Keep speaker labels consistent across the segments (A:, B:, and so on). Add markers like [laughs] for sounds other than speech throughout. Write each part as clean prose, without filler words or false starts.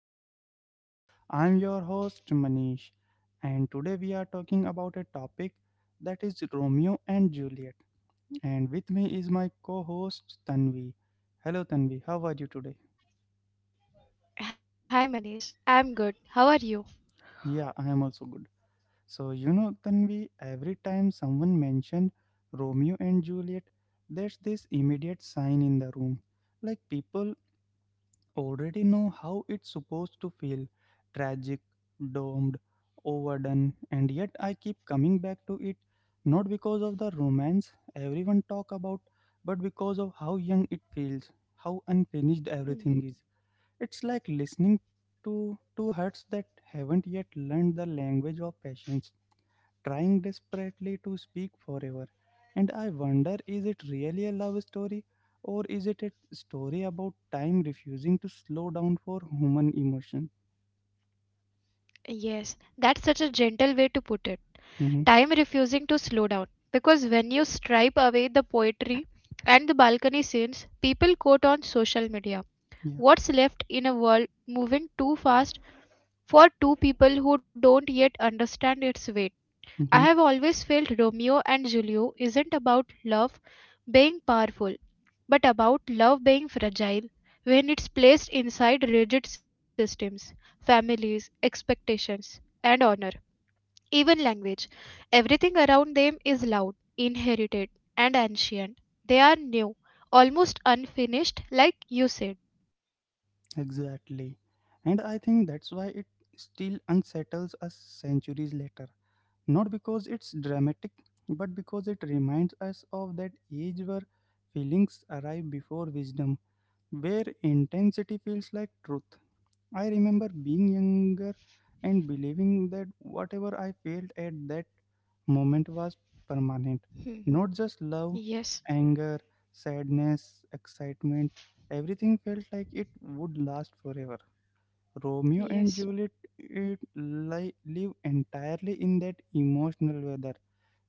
A: the podcast. I'm your host, Manish, and today we are talking about a topic that is Romeo and Juliet. And with me is my co host, Tanvi. Hello, Tanvi, how are you today?
B: Hi Manish, I'm good. How are you?
A: Yeah, I am also good. Tanvi, every time someone mentioned Romeo and Juliet, there's this immediate sign in the room. Like people already know how it's supposed to feel tragic, domed, overdone, and yet I keep coming back to it not because of the romance everyone talk about but because of how young it feels, how unfinished everything
B: Hmm.
A: is. It's like listening to two hearts that haven't yet learned the language of patience trying desperately to speak forever. And I wonder is it really a love story or is it a story about time refusing to slow down for human emotion?
B: Yes, that's such a gentle way to put it.
A: Mhm.
B: Time refusing to slow down. Because when you stripe away the poetry and the balcony scenes people quote on social media,
A: Yeah.
B: what's left in a world moving too fast for two people who don't yet understand its weight? I have
A: Mhm.
B: always felt Romeo and Julio isn't about love being powerful, but about love being fragile when it's placed inside rigid systems, families, expectations, and honor, even language. Everything around them is loud, inherited, and ancient. They are new, almost unfinished, like you said. [laughs]
A: Exactly. And I think that's why it still unsettles us centuries later. Not because it's dramatic, but because it reminds us of that age where feelings arrive before wisdom, where intensity feels like truth. I remember being younger and believing that whatever I felt at that moment was permanent.
B: Mhm.
A: Not just love,
B: Yes,
A: anger, sadness, excitement, everything felt like it would last forever. Romeo and
B: yes.
A: Juliet live entirely in that emotional weather.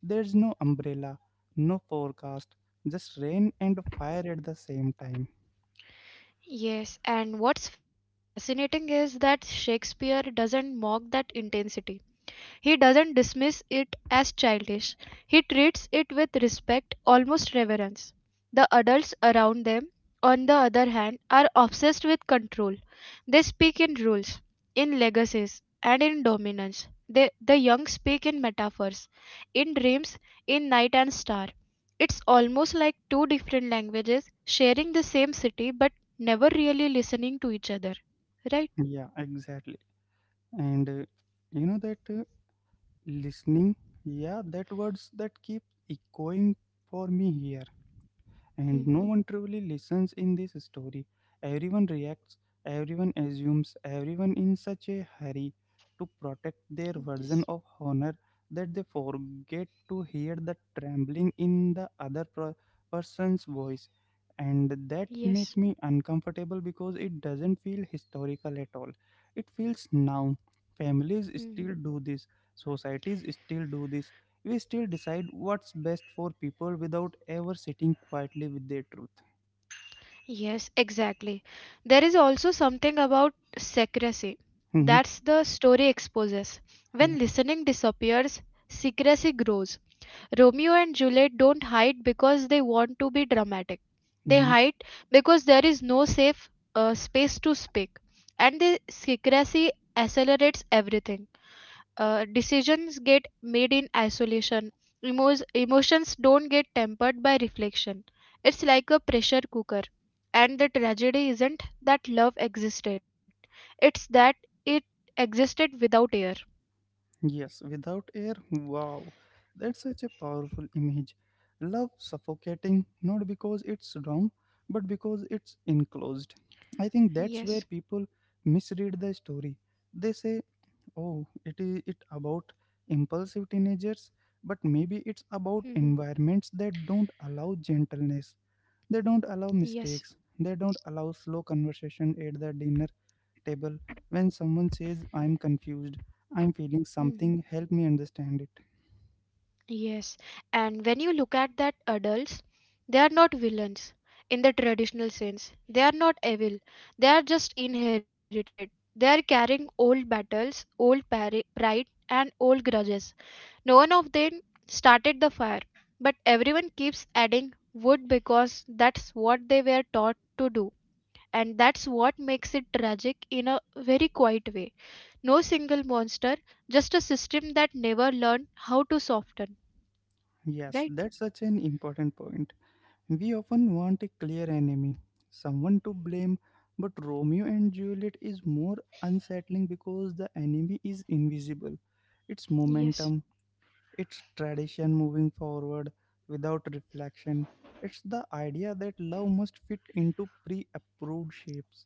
A: There's no umbrella, no forecast, just rain and fire at the same time.
B: Yes, and what's fascinating is that Shakespeare doesn't mock that intensity. He doesn't dismiss it as childish. He treats it with respect, almost reverence. The adults around them, on the other hand, are obsessed with control. They speak in rules, in legacies, and in dominance. They, the young speak in metaphors in dreams, in night and star. It's almost like two different languages sharing the same city but never really listening to each other. Right?
A: Yeah, exactly. And you know that. Listening, yeah, that words that keep echoing for me here and no
B: Mhm.
A: one truly listens in this story. Everyone reacts, everyone assumes, everyone in such a hurry to protect their
B: Yes.
A: version of honor that they forget to hear the trembling in the person's voice and that
B: Yes.
A: make me uncomfortable because it doesn't feel historical at all, it feels now, families
B: Mhm.
A: still do this, societies still do this, we still decide what's best for people without ever sitting quietly with their truth.
B: Yes, exactly. There is also something about secrecy.
A: Mhm.
B: That's the story exposes.
A: Yeah.
B: When listening disappears, secrecy grows. Romeo and Juliet don't hide because they want to be dramatic. They
A: Mhm.
B: hide because there is no safe space to speak. And the secrecy accelerates everything. Decisions get made in isolation. Emotions don't get tempered by reflection. It's like a pressure cooker. And the tragedy isn't that love existed, it's that it existed without air.
A: Yes, without air. Wow, that's such a powerful image. Love suffocating, not because it's wrong, but because it's enclosed. I think that's where
B: Yes.
A: people misread the story. They say, "Oh, it is it about impulsive teenagers," but maybe it's
B: Mhm.
A: about environments that don't allow gentleness. They don't allow
B: Yes.
A: mistakes. They don't allow slow conversation at the dinner table when someone says, I'm confused, I'm feeling
B: Mhm.
A: something, help me understand it.
B: Yes, and when you look at that adults, they are not villains in the traditional sense. They are not evil. They are just inherited. They are carrying old battles, pride, and old grudges. No one of them started the fire, but everyone keeps adding wood because that's what they were taught to do. And that's what makes it tragic in a very quiet way. No single monster, just a system that never learned how to soften,
A: Yes,
B: right?
A: that's such an important point. We often want a clear enemy, someone to blame, but Romeo and Juliet is more unsettling because the enemy is invisible. It's
B: Yes,
A: momentum, it's tradition moving forward without reflection. It's the idea that love must fit into pre approved shapes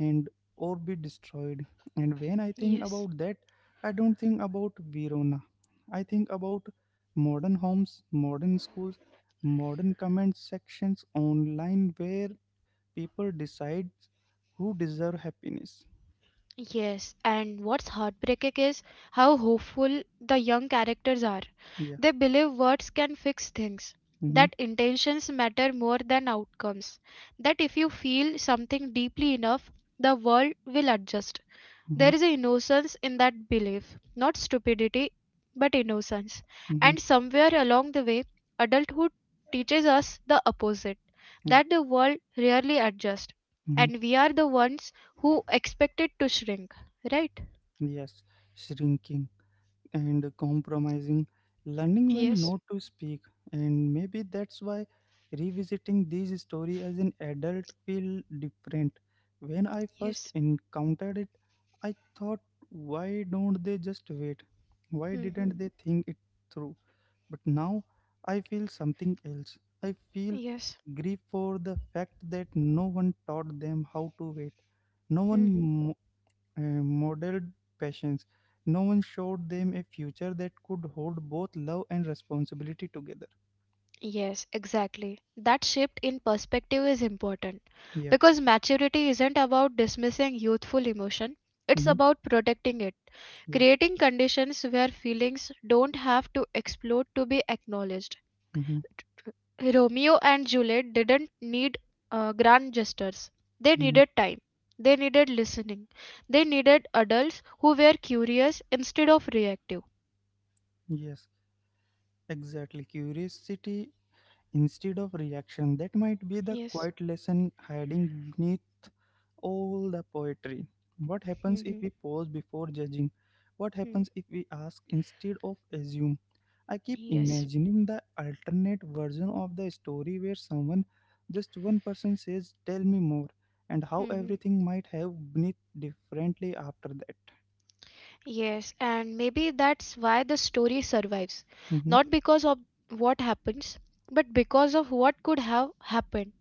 A: and or be destroyed. And when I think
B: yes,
A: about that, I don't think about Verona. I think about modern homes, modern schools, modern comment sections online where people decide who deserve happiness.
B: yes. And what's heartbreaking is how hopeful the young characters are.
A: Yeah.
B: They believe words can fix things,
A: Mm-hmm.
B: that intentions matter more than outcomes, that if you feel something deeply enough, the world will adjust.
A: Mm-hmm.
B: There is an innocence in that belief, not stupidity, but innocence.
A: Mm-hmm.
B: And somewhere along the way, adulthood teaches us the opposite
A: Yeah.
B: that the world rarely adjusts,
A: Mm-hmm.
B: and we are the ones who expect it to shrink, right?
A: Yes. Shrinking, and compromising, learning when
B: Yes,
A: not to speak. And maybe that's why revisiting these stories as an adult feel different. When I first
B: yes,
A: encountered it, I thought, why don't they just wait? Why
B: Mhm.
A: didn't they think it through? But now I feel something else. I feel
B: Yes.
A: grief for the fact that no one taught them how to wait. No
B: Hmm.
A: one modeled passions. No one showed them a future that could hold both love and responsibility together.
B: Yes, exactly. That shift in perspective is important
A: Yeah.
B: because maturity isn't about dismissing youthful emotion, it's
A: Mm-hmm.
B: about protecting it,
A: Yeah.
B: creating conditions where feelings don't have to explode to be acknowledged.
A: Mm-hmm.
B: Romeo and Juliet didn't need grand gestures, they
A: Mm-hmm.
B: needed time. They needed listening. They needed adults who were curious instead of reactive.
A: Yes. Exactly. Curiosity instead of reaction. That might be the
B: Yes.
A: quiet lesson hiding beneath all the poetry. What happens if
B: Hmm.
A: we pause before judging? What happens if we ask instead of assume? I keep
B: Yes.
A: imagining the alternate version of the story where someone, just one person, says, Tell me more, and how
B: Hmm.
A: everything might have been differently after that.
B: Yes, and maybe that's why the story survives.
A: Mm-hmm.
B: Not because of what happens, but because of what could have happened.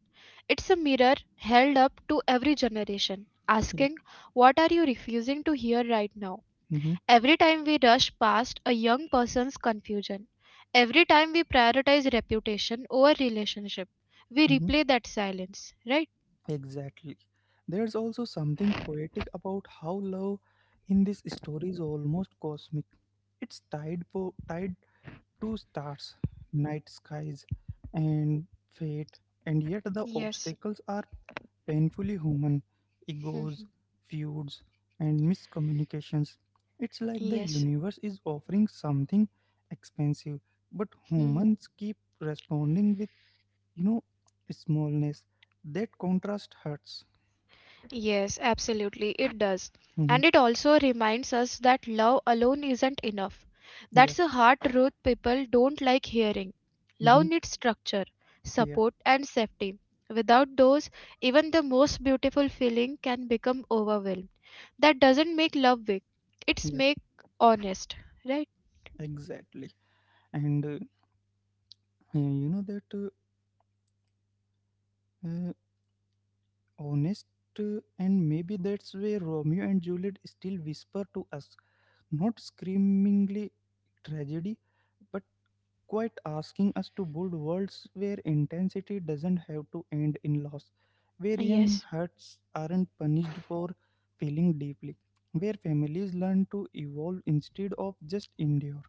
B: It's a mirror held up to every generation,
A: Yeah.
B: asking, what are you refusing to hear right now?
A: Mm-hmm.
B: Every time we rush past a young person's confusion, every time we prioritize reputation over relationship, we
A: Mm-hmm.
B: replay that silence, right?
A: Exactly. There's also something poetic about how love in this story is almost cosmic. It's tied to stars, night skies, and fate, and yet the
B: Yes.
A: obstacles are painfully human egos, feuds, and miscommunications. It's
B: [laughs]
A: like the
B: Yes.
A: universe is offering something expensive, but humans
B: [laughs]
A: keep responding with, you know, smallness. That contrast hurts.
B: Yes, absolutely, it does.
A: Hmm.
B: And it also reminds us that love alone isn't enough.
A: Yeah.
B: That's a hard truth people don't like hearing.
A: Hmm.
B: Love needs structure,
A: Yeah.
B: support, and safety. Without those, even the most beautiful feeling can become overwhelmed. That doesn't make love weak. It's
A: Yeah,
B: make honest, right?
A: exactly. And you know that uh, Honest, and maybe that's where Romeo and Juliet still whisper to us, not screamingly tragedy, but quite asking us to build worlds where intensity doesn't have to end in loss, where young
B: Yes.
A: hearts aren't punished for feeling deeply, where families learn to evolve instead of just endure.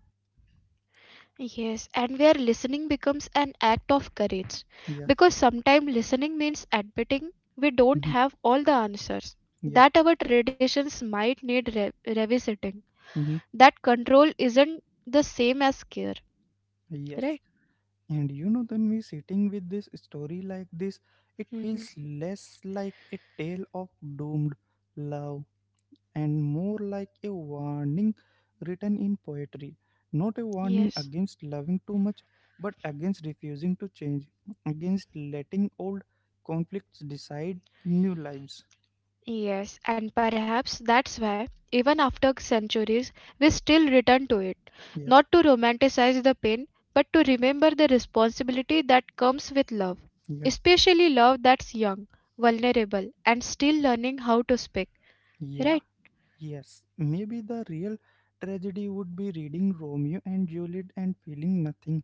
B: Yes, and where listening becomes an act of courage.
A: Yeah.
B: Because sometimes listening means admitting we don't
A: Mhm.
B: have all the answers,
A: Yeah.
B: that our traditions might need revisiting,
A: Mhm.
B: that control isn't the same as care,
A: Yes.
B: right?
A: And you know, then we sitting with this story like this, it feels
B: Hmm.
A: less like a tale of doomed love and more like a warning written in poetry. Not a warning
B: Yes.
A: against loving too much, but against refusing to change, against letting old conflicts decide new lives.
B: Yes, and perhaps that's why, even after centuries, we still return to it.
A: Yeah.
B: Not to romanticize the pain, but to remember the responsibility that comes with love.
A: Yeah.
B: Especially love that's young, vulnerable, and still learning how to speak.
A: Yeah.
B: Right?
A: Yes. Maybe the real tragedy would be reading Romeo and Juliet and feeling nothing,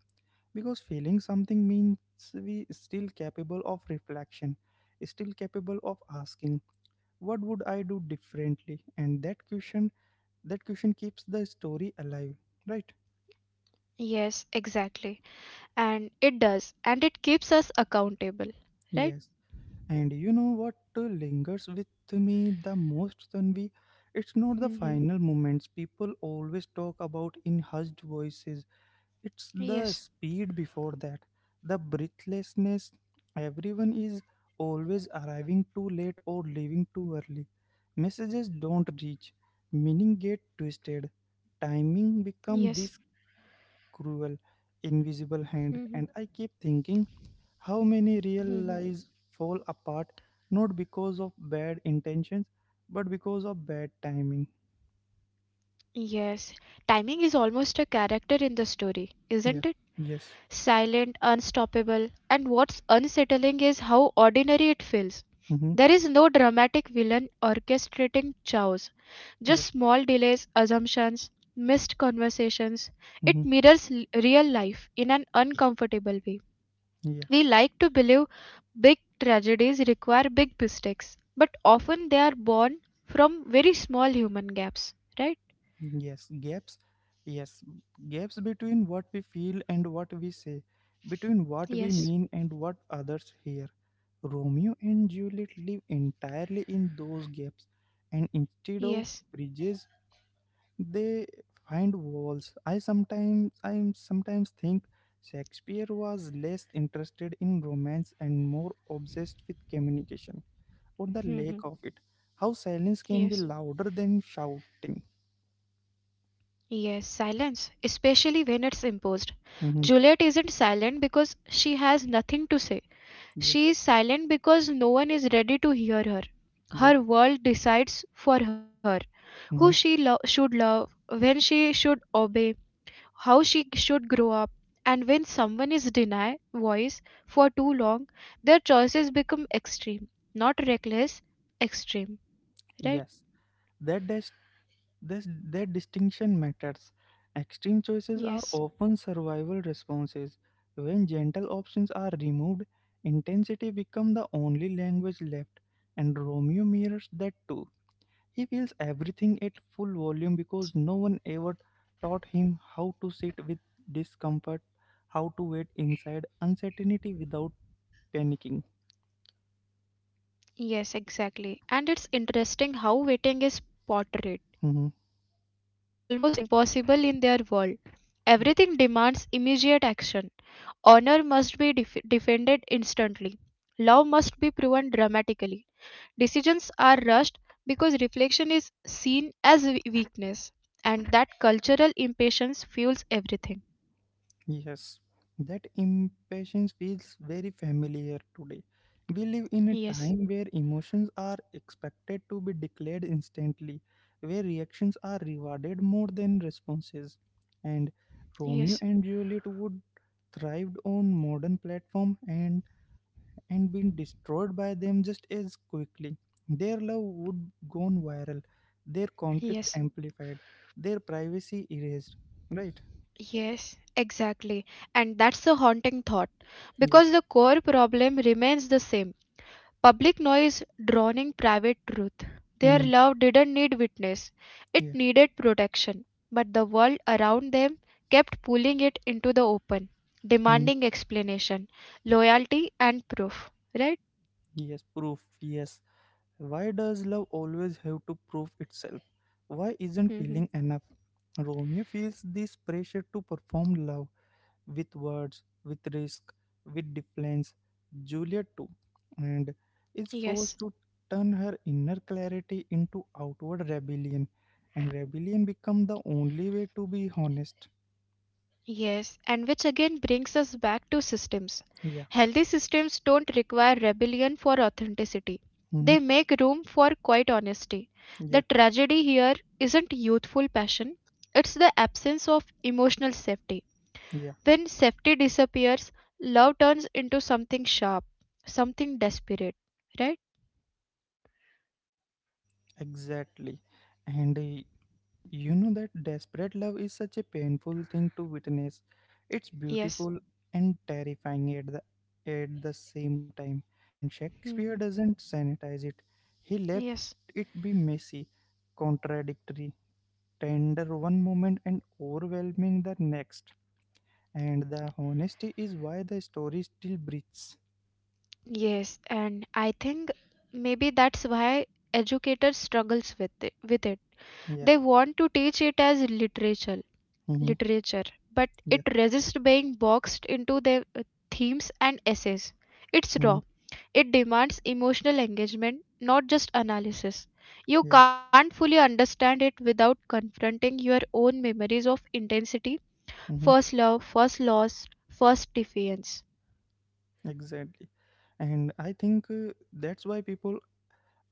A: because feeling something means we still capable of reflection, still capable of asking, what would I do differently? And that question keeps the story alive, right?
B: Yes, exactly. And it does, and it keeps us accountable. Right?
A: Yes. And you know what lingers with me the most, Tanvi? It's not the
B: Hmm.
A: final moments people always talk about in hushed voices. It's the
B: Yes,
A: speed before that, the breathlessness. Everyone is always arriving too late or leaving too early. Messages don't reach, meaning get twisted. Timing
B: yes.
A: become this cruel, invisible
B: Hmm.
A: hand, and I keep thinking how many real
B: Hmm.
A: lives fall apart not because of bad intentions but because of bad timing?
B: Yes, timing is almost a character in the story, isn't it?
A: Yeah. Yes.
B: Silent, unstoppable, and what's unsettling is how ordinary it feels.
A: Mm-hmm.
B: There is no dramatic villain orchestrating chaos,
A: Yeah.
B: just small delays, assumptions, missed conversations. It
A: Mm-hmm.
B: mirrors real life in an uncomfortable way.
A: Yeah.
B: We like to believe big tragedies require big mistakes, but often they are born from very small human gaps, right?
A: Yes. Gaps. Yes. Gaps between what we feel and what we say, between what we
B: Yes,
A: mean and what others hear. Romeo and Juliet live entirely in those gaps, and instead
B: yes,
A: of bridges, they find walls. I sometimes think Shakespeare was less interested in romance and more obsessed with communication or the lack of it, how silence
B: [laughs]
A: can be
B: yes.
A: louder than shouting.
B: Yes, silence, especially when it's imposed.
A: Hmm.
B: Juliet isn't silent because she has nothing to say.
A: Yeah.
B: She is silent because no one is ready to hear her.
A: Yeah.
B: Her world decides for her who
A: Hmm.
B: should love, when she should obey, how she should grow up. And when someone is denied voice for too long, their choices become extreme, not reckless, extreme. Right?
A: Yes. That dis- that distinction matters. Extreme choices are
B: Yes,
A: often survival responses. When gentle options are removed, intensity becomes the only language left, and Romeo mirrors that too. He feels everything at full
B: yes.
A: volume because no one ever taught him how to sit with discomfort, how to wait inside uncertainty without panicking.
B: Yes, exactly. And it's interesting how waiting is portrayed.
A: Mhm.
B: Waiting is almost impossible in their world. Everything demands immediate action. Honor must be defended instantly. Love must be proven dramatically. Decisions are rushed because reflection is seen as weakness. And that cultural impatience fuels everything.
A: Yes, that impatience feels very familiar today. We live in a time
B: Yes,
A: where emotions are expected to be declared instantly, where reactions are rewarded more than responses. And
B: yes,
A: Romeo and Juliet would thrived on modern platform and been destroyed by them just as quickly. Their love would gone viral, their conflict
B: yes.
A: amplified, their privacy erased. Right?
B: Yes, exactly. And that's a haunting thought
A: Yeah.
B: because the core problem remains the same. Public noise drowning private truth. Their
A: Mhm.
B: love didn't need witness, it
A: Yeah.
B: needed protection. But the world around them kept pulling it into the open,
A: Mm-hmm.
B: demanding explanation, loyalty, and proof. Right?
A: Yes, proof. Yes. Why does love always have to prove itself? Why isn't
B: Hmm.
A: feeling enough? Romeo feels this pressure to perform love with words, with risk, with defiance. Juliet too, and is
B: Yes.
A: forced to turn her inner clarity into outward rebellion, and rebellion become the only way to be honest.
B: Yes, and which again brings us back to systems.
A: Yeah.
B: Healthy systems don't require rebellion for authenticity,
A: Hmm.
B: they make room for quiet honesty.
A: Yeah.
B: The tragedy here isn't youthful passion, it's the absence of emotional safety.
A: Yeah.
B: When safety disappears, love turns into something sharp, something desperate, right?
A: Exactly. And You know that desperate love is such a painful thing to witness. It's
B: Yes.
A: beautiful and terrifying at the same time. And Shakespeare
B: Hmm.
A: doesn't sanitize it. He let
B: Yes.
A: it be messy, contradictory, tender one moment and overwhelming the next. And the honesty is why the story still breathes.
B: Yes, and I think maybe that's why educators struggles with it.
A: Yeah.
B: They want to teach it as literature,
A: Mm-hmm.
B: literature, but it
A: Yeah.
B: resists being boxed into their themes and essays. It's
A: Mm-hmm.
B: raw. It demands emotional engagement, not just analysis. You
A: Yeah.
B: can't fully understand it without confronting your own memories of intensity,
A: Mm-hmm.
B: first love, first loss, first defiance.
A: Exactly. And I think that's why people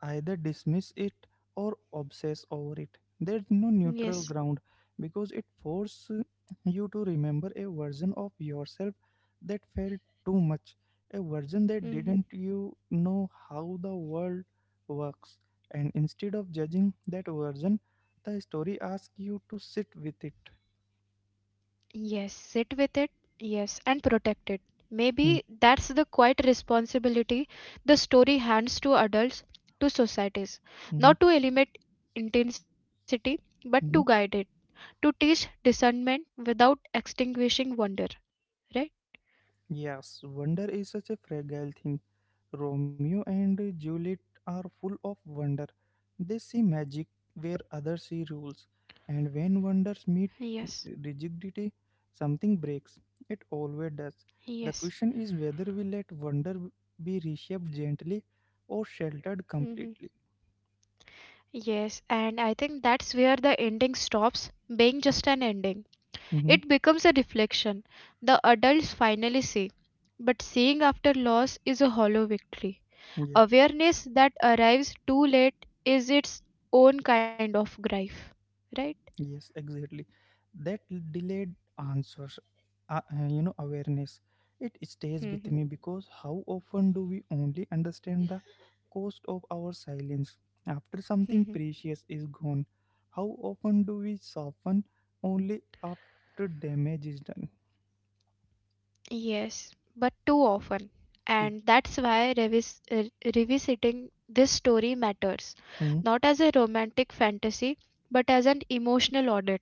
A: either dismiss it or obsess over it. There's no neutral
B: Yes.
A: ground because it forces you to remember a version of yourself that felt too much, a version that didn't
B: Mhm.
A: you know how the world works. And instead of judging that version, the story asks you to sit with it.
B: Yes, sit with it. Yes, and protect it.
A: Hmm.
B: Maybe that's the quiet responsibility the story hands to adults, to societies.
A: Mhm.
B: Not to eliminate intensity, but to guide
A: Mhm.
B: it, to teach discernment without extinguishing wonder, right?
A: Yes, wonder is such a fragile thing. Romeo and Juliet are full of wonder. They see magic where others see rules, and when wonders
B: Yes,
A: meet eh, rigidity, something breaks. It always does.
B: yes.
A: The question is whether we let wonder be reshaped gently or sheltered
B: Hmm.
A: completely.
B: Yes, and I think that's where the ending stops being just an ending.
A: Mhm.
B: It becomes a reflection the adults finally see. But seeing after loss is a hollow victory. Awareness that arrives too late is its own kind of grief, right?
A: Yes, exactly. That delayed answers, awareness, it stays with
B: Mhm.
A: me because how often do we only understand the cost of our silence after something
B: Mhm.
A: precious is gone? How often do we soften only after damage is done?
B: Yes, but too often.
A: Yeah.
B: And that's why revisiting this story matters,
A: Hmm.
B: not as a romantic fantasy, but as an emotional audit.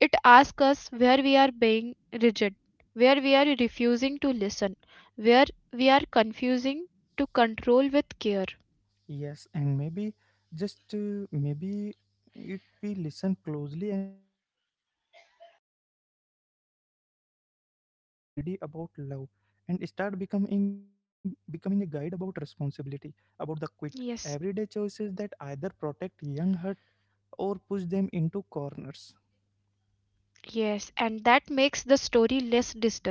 B: It asks us where we are being rigid, where we are refusing to listen, where we are confusing to control with care.
A: Yes, and maybe just maybe if we listen closely enough, Romeo and Juliet stop being a tragedy about love and start becoming a guide about responsibility, about the quit everyday
B: Yes,
A: choices that either protect young heart or push them into corners.
B: yes, and that makes the story less distant,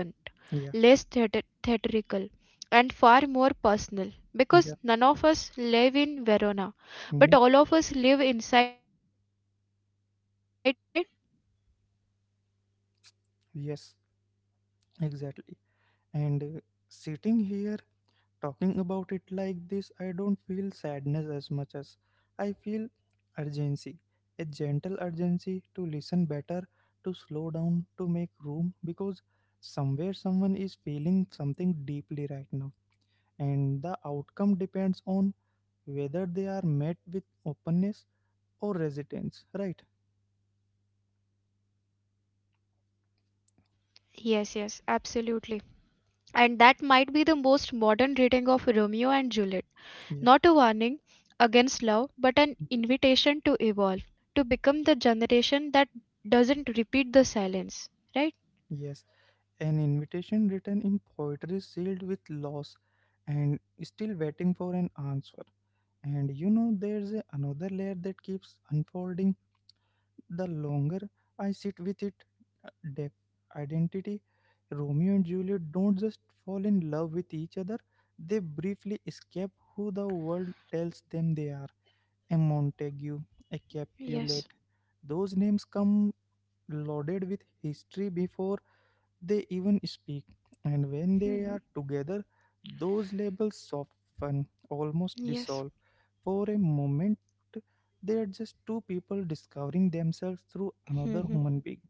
A: Yeah.
B: less theatrical, and far more personal. Because
A: Yeah.
B: none of us live in Verona, but
A: Mhm.
B: all of us live inside systems, right?
A: Yes, exactly. And sitting here talking about it like this, I don't feel sadness as much as I feel urgency. A gentle urgency to listen better, to slow down, to make room, because somewhere someone is feeling something deeply right now. And the outcome depends on whether they are met with openness or resistance, right?
B: Yes, yes, absolutely. And that might be the most modern reading of Romeo and Juliet.
A: Yeah.
B: Not a warning against love, but an invitation to evolve, to become the generation that doesn't repeat the silence, right?
A: Yes, an invitation written in poetry sealed with loss and still waiting for an answer. And you know, there's another layer that keeps unfolding the longer I sit with it, depth, identity. Romeo and Juliet don't just fall in love with each other, they briefly escape who the world tells them they are. A Montague, a Capulet.
B: Yes.
A: Those names come loaded with history before they even speak. And when they
B: Mhm.
A: are together, those labels soften, almost
B: Yes.
A: dissolve. For a moment, they are just two people discovering themselves through another
B: Mhm.
A: human being.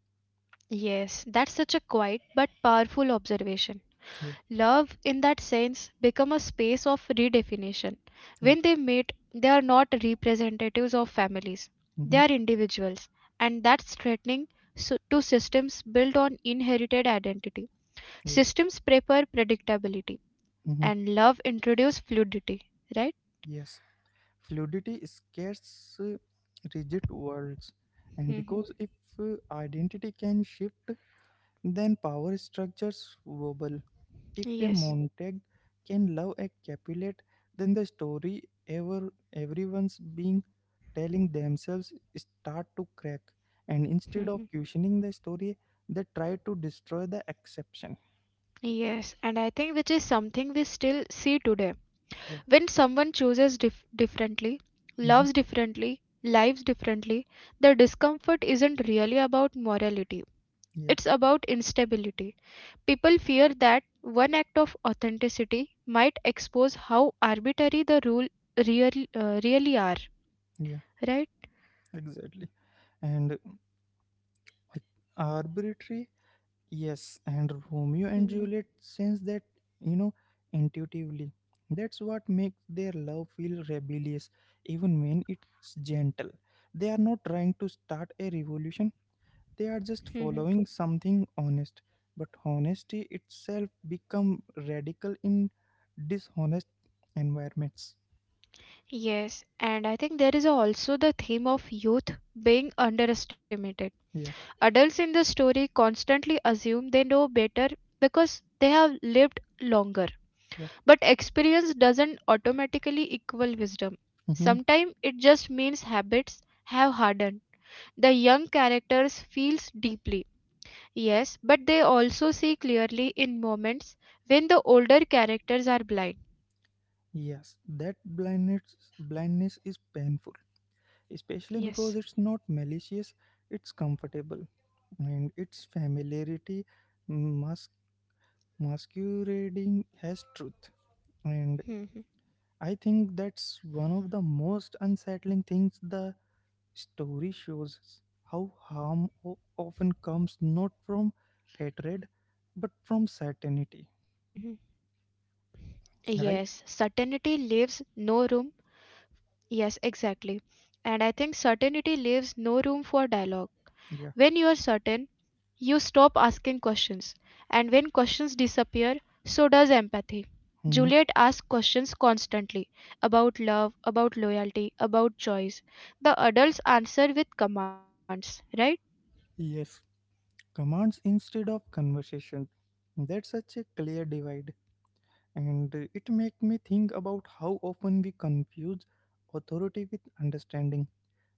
B: Yes, that's such a quiet but powerful observation.
A: Yeah,
B: Love, in that sense, become a space of redefinition.
A: yeah,
B: When they meet, they are not representatives of families, they
A: mm-hmm,
B: are individuals, and that's threatening to systems built on inherited identity.
A: yeah,
B: Systems prefer predictability,
A: mm-hmm,
B: and love introduce fluidity, right?
A: yes. Fluidity scares rigid worlds, and
B: Mm-hmm.
A: because if identity can shift, then power structures wobble. If a
B: Yes.
A: Montague can love a Capulet, then the story everyone's being telling themselves start to crack, and instead
B: Mm-hmm.
A: of questioning the story, they try to destroy the exception.
B: Yes, and I think which is something we still see today.
A: Yeah,
B: When someone chooses differently,
A: hmm,
B: loves differently, lives differently, the discomfort isn't really about morality.
A: yeah,
B: It's about instability. People fear that one act of authenticity might expose how arbitrary the really are,
A: yeah,
B: right?
A: exactly. And, like, arbitrary. Yes, and Romeo
B: Mm-hmm.
A: and Juliet sense that, you know, intuitively. That's what makes their love feel rebellious, even when it's gentle. They are not trying to start a revolution, they are just following something honest. But honesty itself become radical in dishonest environments.
B: Yes, and I think there is also the theme of youth being underestimated.
A: Yeah,
B: Adults in the story constantly assume they know better because they have lived longer.
A: yeah.
B: But experience doesn't automatically equal wisdom.
A: Hmm.
B: Sometimes it just means habits have hardened. The young characters feels deeply. Yes, but they also see clearly in moments when the older characters are blind.
A: Yes, that blindness is painful, especially because
B: Yes.
A: it's not malicious, it's comfortable, and its familiarity mas- masquerading as truth. And I think that's one of the most unsettling things the story shows us, how harm often comes not from hatred but from certainty,
B: [laughs] Yes,
A: right?
B: certainty leaves no room. Yes, exactly. And I think certainty leaves no room for dialogue.
A: Yeah.
B: When you are certain, you stop asking questions. And when questions disappear, so does empathy.
A: Mhm.
B: Juliet asks questions constantly about love, about loyalty, about choice. The adults answer with commands, right?
A: Yes, commands instead of conversation. That's such a clear divide, and it make me think about how often we confuse authority with understanding.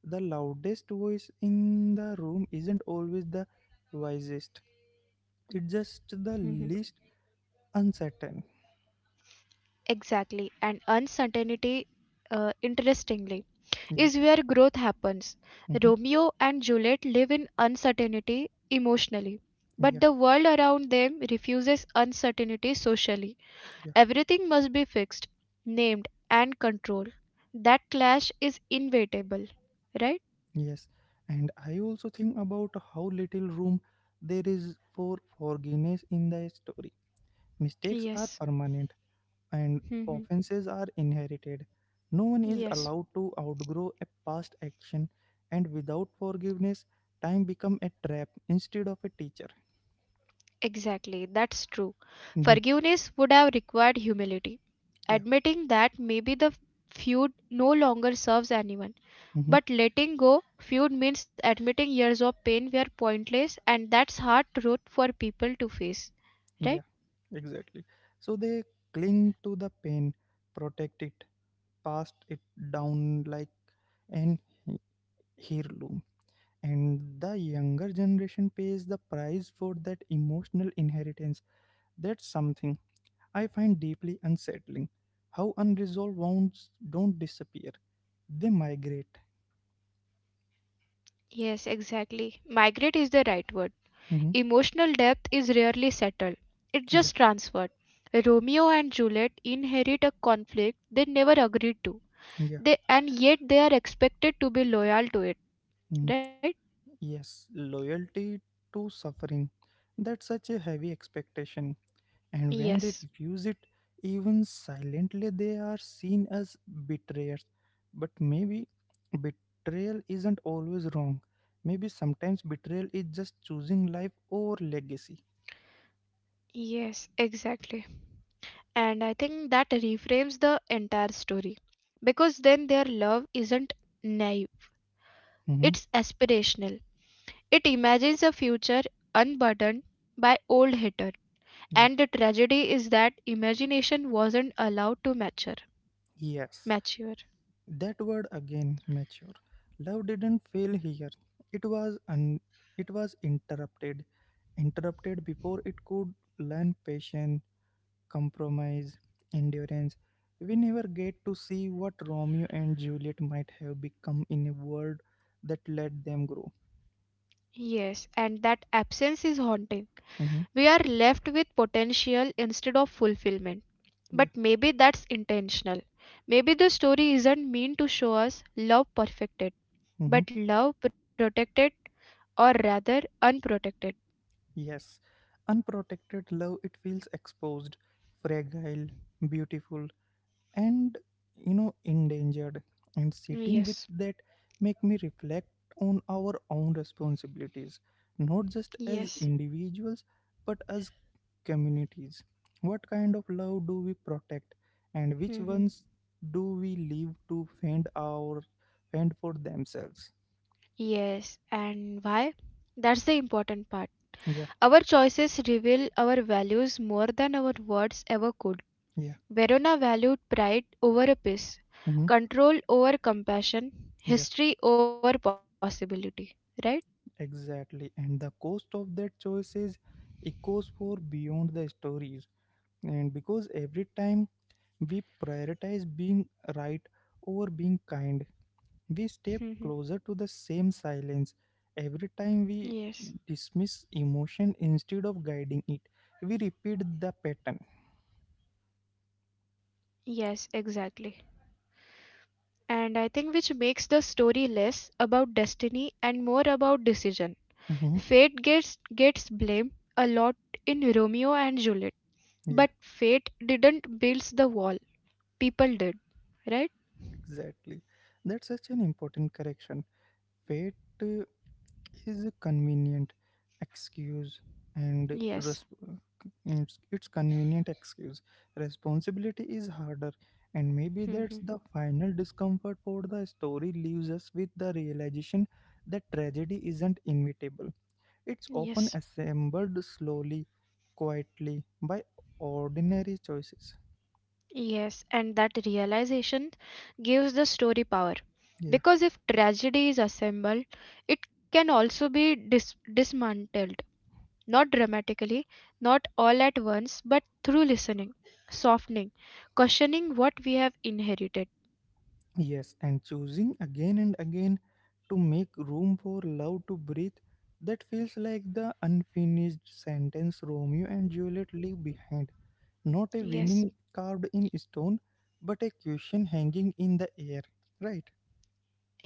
A: The loudest voice in the room isn't always the wisest, it's just the least uncertain.
B: Exactly. And uncertainty, interestingly,
A: Yeah,
B: is where growth happens.
A: hmm,
B: Romeo and Juliet live in uncertainty emotionally,
A: yeah,
B: but the world around them refuses uncertainty socially.
A: yeah,
B: Everything must be fixed, named, and controlled. That clash is inevitable, right?
A: yes, and I also think about how little room there is for forgiveness in the story. Mistakes are
B: Yes.
A: permanent and
B: Hmm.
A: offenses are inherited. No one is
B: Yes.
A: allowed to outgrow a past action, and without forgiveness, time becomes a trap instead of a teacher.
B: Exactly, that's true.
A: Mhm.
B: Forgiveness would have required humility,
A: Yeah,
B: admitting that maybe the feud no longer serves anyone.
A: hmm,
B: But letting go feud means admitting years of pain were pointless, and that's hard truth for people to face. Right?
A: yeah, exactly. So they cling to the pain, protect it, pass it down like an he- heirloom. And the younger generation pays the price for that emotional inheritance. That's something I find deeply unsettling, how unresolved wounds don't disappear, they migrate.
B: Yes, exactly. Migrate is the right word.
A: Mhm.
B: Emotional depth is rarely settled, it's
A: Yeah,
B: just transferred. Romeo and Juliet inherit a conflict they never agreed to,
A: yeah.
B: and yet they are expected to be loyal to it,
A: Mm.
B: right?
A: Yes, loyalty to suffering. That's such a heavy expectation. And when they
B: Yes,
A: refuse it, even silently, they are seen as betrayers. But maybe betrayal isn't always wrong. Maybe sometimes betrayal is just choosing life over legacy.
B: yes, exactly. And I think that reframes the entire story, because then their love isn't naive,
A: Mhm.
B: it's aspirational. It imagines a future unburdened by old hatred,
A: Yeah.
B: and the tragedy is that imagination wasn't allowed to mature.
A: Yes.
B: Mature.
A: That word again, mature. Love didn't fail here. It was un- it was interrupted, interrupted before it could learn patience, compromise, endurance. We never get to see what Romeo and Juliet might have become in a world that let them grow.
B: Yes, and that absence is haunting.
A: Hmm.
B: We are left with potential instead of fulfillment.
A: Yeah.
B: But maybe that's intentional. Maybe the story isn't meant to show us love perfected,
A: Hmm.
B: but love protected, or rather unprotected.
A: Yes. Unprotected love, it feels exposed, fragile, beautiful, and, you know, endangered. And sitting with
B: Yes,
A: that make me reflect on our own responsibilities, not just as
B: yes.
A: individuals but as communities. What kind of love do we protect, and which
B: hmm
A: ones do we leave to fend for themselves?
B: Yes, and why? That's the important part.
A: Yeah,
B: Our choices reveal our values more than our words ever could.
A: yeah,
B: Verona valued pride over a piece,
A: mhm,
B: control over compassion,
A: yeah,
B: history over possibility. Right?
A: exactly. And the cost of that choice is echoes for beyond the stories, and because every time we prioritize being right over being kind. We
B: Mhm.
A: step closer to the same silence every time we
B: yes.
A: dismiss emotion instead of guiding it. We repeat the pattern.
B: Yes, exactly. And I think which makes the story less about destiny and more about decision.
A: Mhm.
B: Fate gets blamed a lot in Romeo and Juliet,
A: Yeah,
B: but fate didn't build the wall. People did. Right?
A: exactly. That's such an important correction. Fate uh, is a convenient excuse, and
B: Yes.
A: resp- it's convenient excuse. Responsibility is harder, and maybe that's
B: Mhm.
A: the final discomfort for the story leaves us with, the realization that tragedy isn't inevitable, it's often
B: yes.
A: assembled slowly, quietly, by ordinary choices.
B: Yes, and that realization gives the story power.
A: Yeah.
B: Because if tragedy is assembled, it can also be dismantled, not dramatically, not all at once, but through listening, softening, questioning what we have inherited.
A: Yes, and choosing again and again to make room for love to breathe, that feels like the unfinished sentence Romeo and Juliet leave behind. Not a
B: Yes,
A: winning carved in stone, but a question hanging in the air. Right?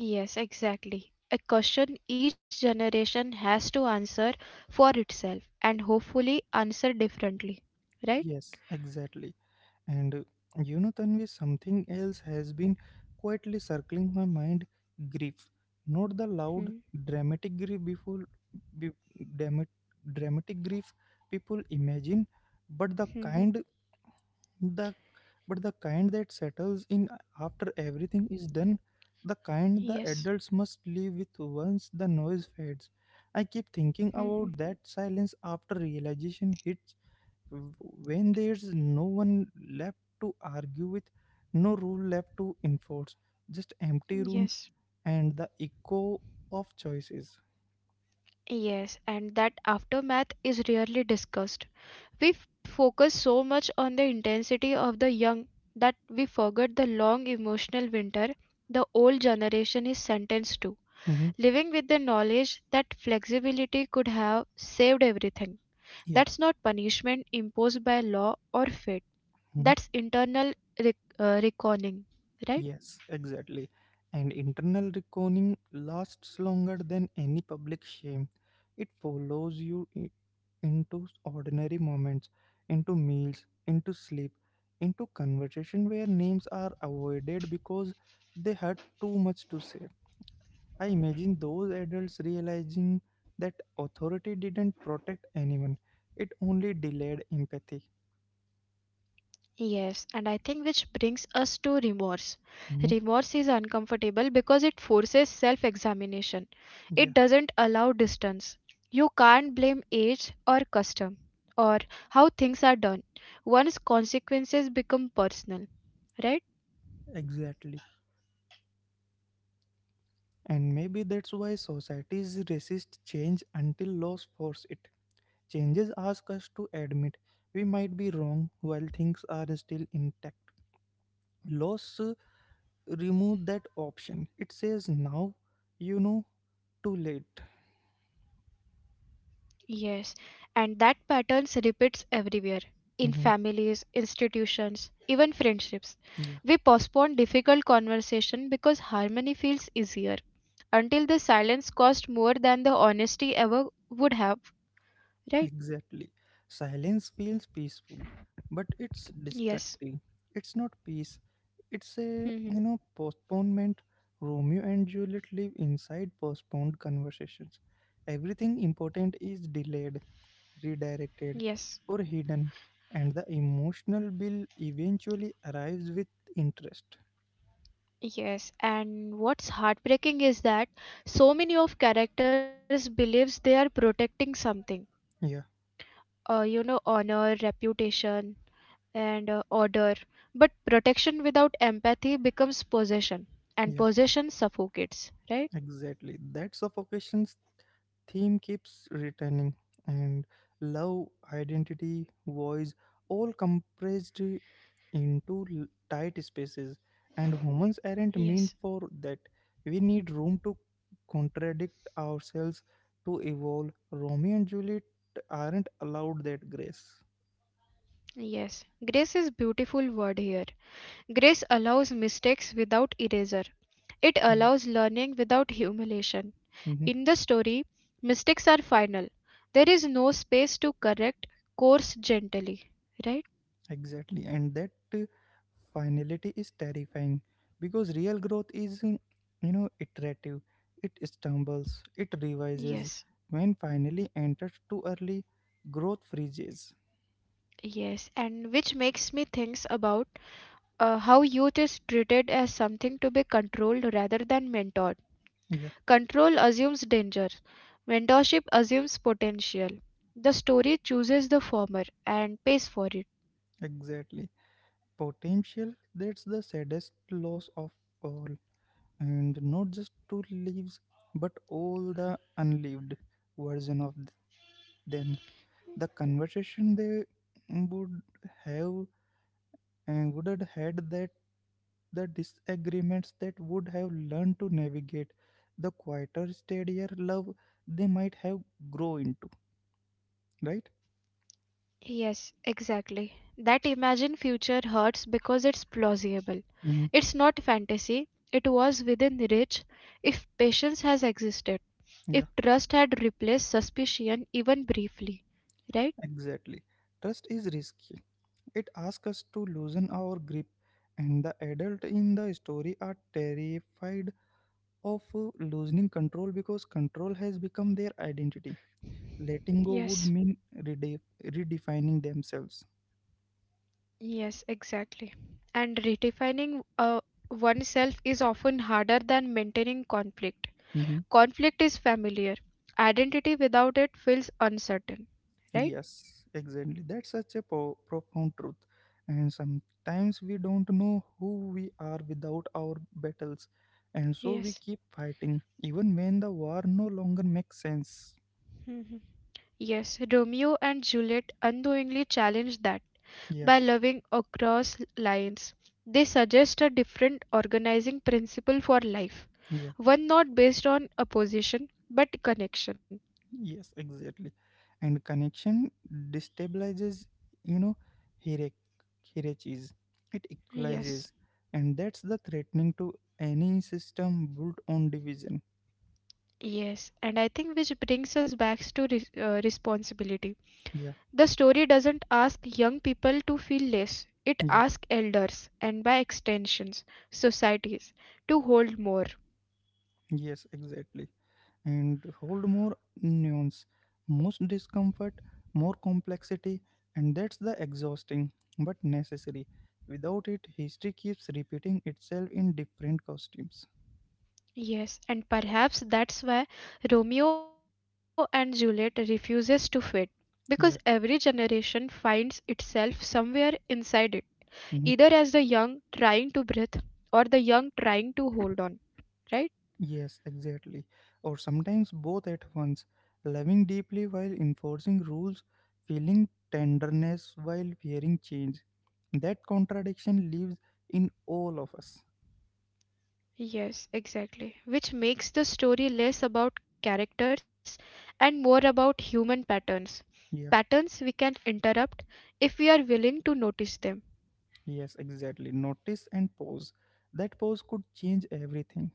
B: yes, exactly. A question each generation has to answer for itself, and hopefully answer differently, right?
A: Yes, exactly. And you know, Tanvi, something else has been quietly circling my mind: grief. Not the loud,
B: Hmm.
A: dramatic grief be, dramatic, dramatic grief people imagine, but the
B: hmm, hmm.
A: kind the but the kind that settles in after everything is done, the kind the
B: Yes.
A: adults must live with once the noise fades. I keep
B: Hmm,
A: thinking
B: hmm.
A: about that silence after realization hits. When there's no one left to argue with, no rule left to enforce, just empty rooms
B: Yes.
A: and the echo of choices.
B: Yes, and that aftermath is rarely discussed. We focus so much on the intensity of the young that we forget the long emotional winter the old generation is sentenced to.
A: Mhm.
B: Living with the knowledge that flexibility could have saved everything.
A: Yeah.
B: That's not punishment imposed by law or fate,
A: Mhm.
B: that's internal reckoning, right?
A: Yes, exactly. And internal reckoning lasts longer than any public shame. It follows you into ordinary moments, into meals, into sleep, into conversation where names are avoided because they had too much to say. I imagine those adults realizing that authority didn't protect anyone, it only delayed empathy.
B: Yes, and I think which brings us to remorse. Remorse
A: Mhm.
B: is uncomfortable because it forces self examination. It
A: Yeah,
B: doesn't allow distance. You can't blame age or custom or how things are done. Once consequences become personal, right?
A: exactly. And maybe that's why societies resist change until laws force it. Changes ask us to admit we might be wrong while things are still intact. Laws remove that option. It says now, you know, too late.
B: Yes, and that pattern repeats everywhere in
A: Mhm.
B: families, institutions, even friendships. We postpone difficult conversation because harmony feels easier until the silence cost more than the honesty ever would have, right?
A: Exactly. Silence feels peaceful, but it's
B: Yes.
A: distracting. It's not peace. It's a, you
B: hmm
A: know, postponement. Romeo and Juliet live inside postponed conversations. Everything important is delayed, redirected,
B: Yes.
A: or hidden, and the emotional bill eventually arrives with interest.
B: Yes, and what's heartbreaking is that so many of characters believes they are protecting something,
A: Yeah,
B: honor, reputation, and order. But protection without empathy becomes possession, and
A: yeah.
B: possession suffocates, right?
A: Exactly. That suffocation's theme keeps returning, and love, identity, voice, all compressed into tight spaces. And humans aren't meant
B: Yes.
A: for that. We need room to contradict ourselves, to evolve. Romeo and Juliet aren't allowed that grace.
B: Yes, grace is beautiful word here. Grace allows mistakes without eraser. It
A: Yeah.
B: allows learning without humiliation. In the story, mistakes are final. There is no space to correct, course gently, right?
A: Exactly, and that finality is terrifying because real growth is, you know, iterative. It stumbles, it revises.
B: Yes.
A: When finally entered too early, growth freezes.
B: Yes, and which makes me think about how youth is treated as something to be controlled rather than mentored.
A: Yeah,
B: Control assumes danger, mentorship assumes potential. The story chooses the former and pays for it.
A: exactly. Potential, that's the saddest loss of all. And not just two leaves, but all the unlived version of th- them. The conversation they would have and would have had, that the disagreements that would have learned to navigate, the quieter, steadier love they might have grow into, right?
B: Yes, exactly. That imagined future hurts because it's plausible.
A: Hmm,
B: It's not fantasy, it was within reach if patience has existed, if
A: yeah,
B: trust had replaced suspicion even briefly. Right?
A: exactly. Trust is risky, it asks us to loosen our grip, and the adult in the story are terrified of losing control because control has become their identity. Letting go would
B: Yes.
A: mean redefining themselves.
B: Yes, exactly. And redefining oneself is often harder than maintaining conflict.
A: Mm-hmm.
B: Conflict is familiar. Identity without it feels uncertain, right?
A: Yes, exactly. That's such a profound truth. And sometimes we don't know who we are without our battles. And so we
B: Yes.
A: keep fighting, even when the war no longer makes sense.
B: Mhm. Yes, Romeo and Juliet unknowingly challenge that
A: Yeah,
B: by loving across lines. They suggest a different organizing principle for life,
A: yeah,
B: one not based on opposition but connection.
A: yes, exactly. And connection destabilizes, you know, hierarch- hierarchies. It
B: Yes.
A: equalizes. And that's the threatening to any system built on division.
B: Yes, and I think which brings us back to responsibility.
A: Yeah,
B: The story doesn't ask young people to feel less, it
A: yeah,
B: asks elders and by extensions, societies to hold more.
A: yes, exactly. And hold more nuance, most discomfort, more complexity, and that's the exhausting but necessary. Without it, history keeps repeating itself in different costumes.
B: Yes, and perhaps that's why Romeo and Juliet refuses to fade, because every
A: Yeah.
B: generation finds itself somewhere inside it, either
A: Mhm.
B: as the young trying to breathe or the young trying to hold on, right?
A: Yes, exactly. Or sometimes both at once, loving deeply while enforcing rules, feeling tenderness while fearing change. That contradiction lives in all of us.
B: Yes, exactly. Which makes the story less about characters and more about human patterns.
A: Yeah.
B: Patterns we can interrupt if we are willing to notice them.
A: Yes, exactly. Notice and pause. That pause could change everything.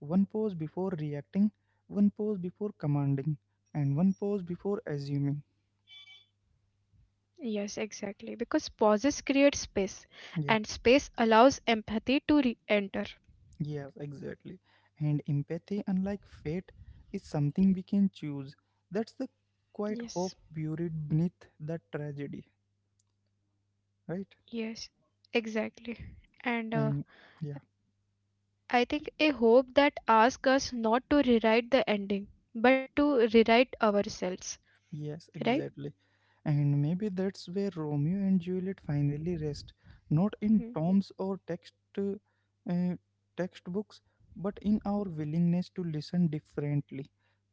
A: One pause before reacting, one pause before commanding, and one pause before assuming.
B: Yes, exactly. Because pauses create space, and
A: Yeah,
B: space allows empathy to re enter.
A: yes, exactly. And empathy, unlike fate, is something we can choose. That's the quiet
B: Yes,
A: hope buried beneath the tragedy, right?
B: yes, exactly. And
A: And yeah.
B: I think a hope that asks us not to rewrite the ending, but to rewrite ourselves,
A: Yes,
B: right?
A: exactly. And maybe that's where Romeo and Juliet finally rest, not in
B: Hmm.
A: tomes or textbooks, but in our willingness to listen differently,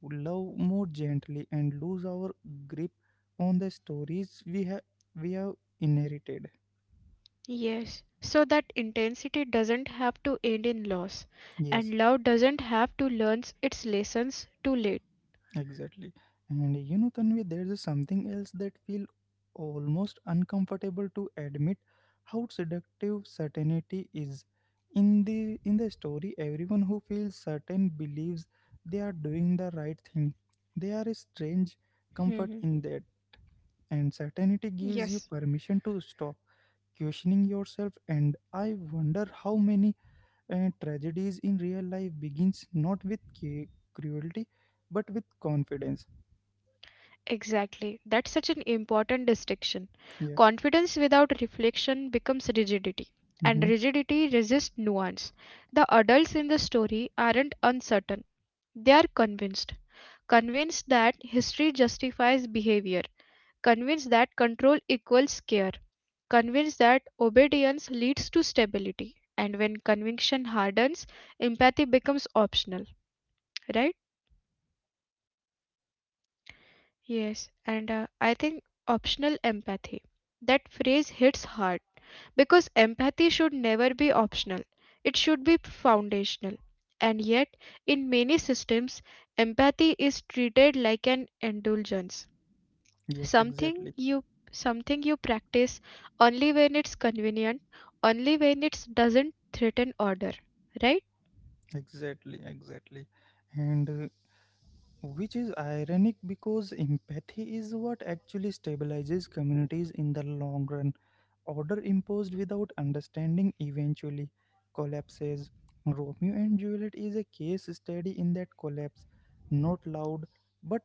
A: love more gently, and lose our grip on the stories we have inherited.
B: Yes, so that intensity doesn't have to end in loss,
A: Yes.
B: and love doesn't have to learn its lessons too late.
A: Exactly. And you know, Tanvi, there's a something else that feel almost uncomfortable to admit, how seductive certainty is. In the story, everyone who feels certain believes they are doing the right thing. There is
B: Mhm.
A: strange comfort in that. And
B: Yes.
A: certainty gives you permission to stop questioning yourself. And I wonder how many tragedies in real life begins not with cruelty but with confidence.
B: Exactly. That's such an important distinction.
A: Yeah.
B: Confidence without reflection becomes rigidity, and
A: Mm-hmm.
B: rigidity resists nuance. The adults in the story aren't uncertain,
A: Yeah.
B: they are convinced.
A: Yes. They
B: Convinced
A: are,
B: that
A: you
B: history
A: know,
B: justifies
A: convinced.
B: behavior,
A: Yeah.
B: convinced that control equals care, convinced that
A: Exactly.
B: obedience leads to stability. And when conviction hardens, empathy becomes optional, right?
A: Yeah. And
B: Yes,
A: you know
B: and
A: that.
B: I think optional empathy. That phrase hits hard because empathy should
A: Yeah.
B: never be optional. It should be foundational. And yet, in many systems,
A: Yes. And I
B: empathy
A: want to
B: is
A: tell
B: treated
A: something
B: like
A: more. Of,
B: an indulgence,
A: yes.
B: something
A: Exactly.
B: you something you practice only when it's convenient, only when it doesn't threaten order, right?
A: Exactly. Exactly. And which is ironic because empathy is what actually stabilizes communities in the long run. Order imposed without understanding eventually collapses. Romeo and Juliet is a case study in that collapse, not loud but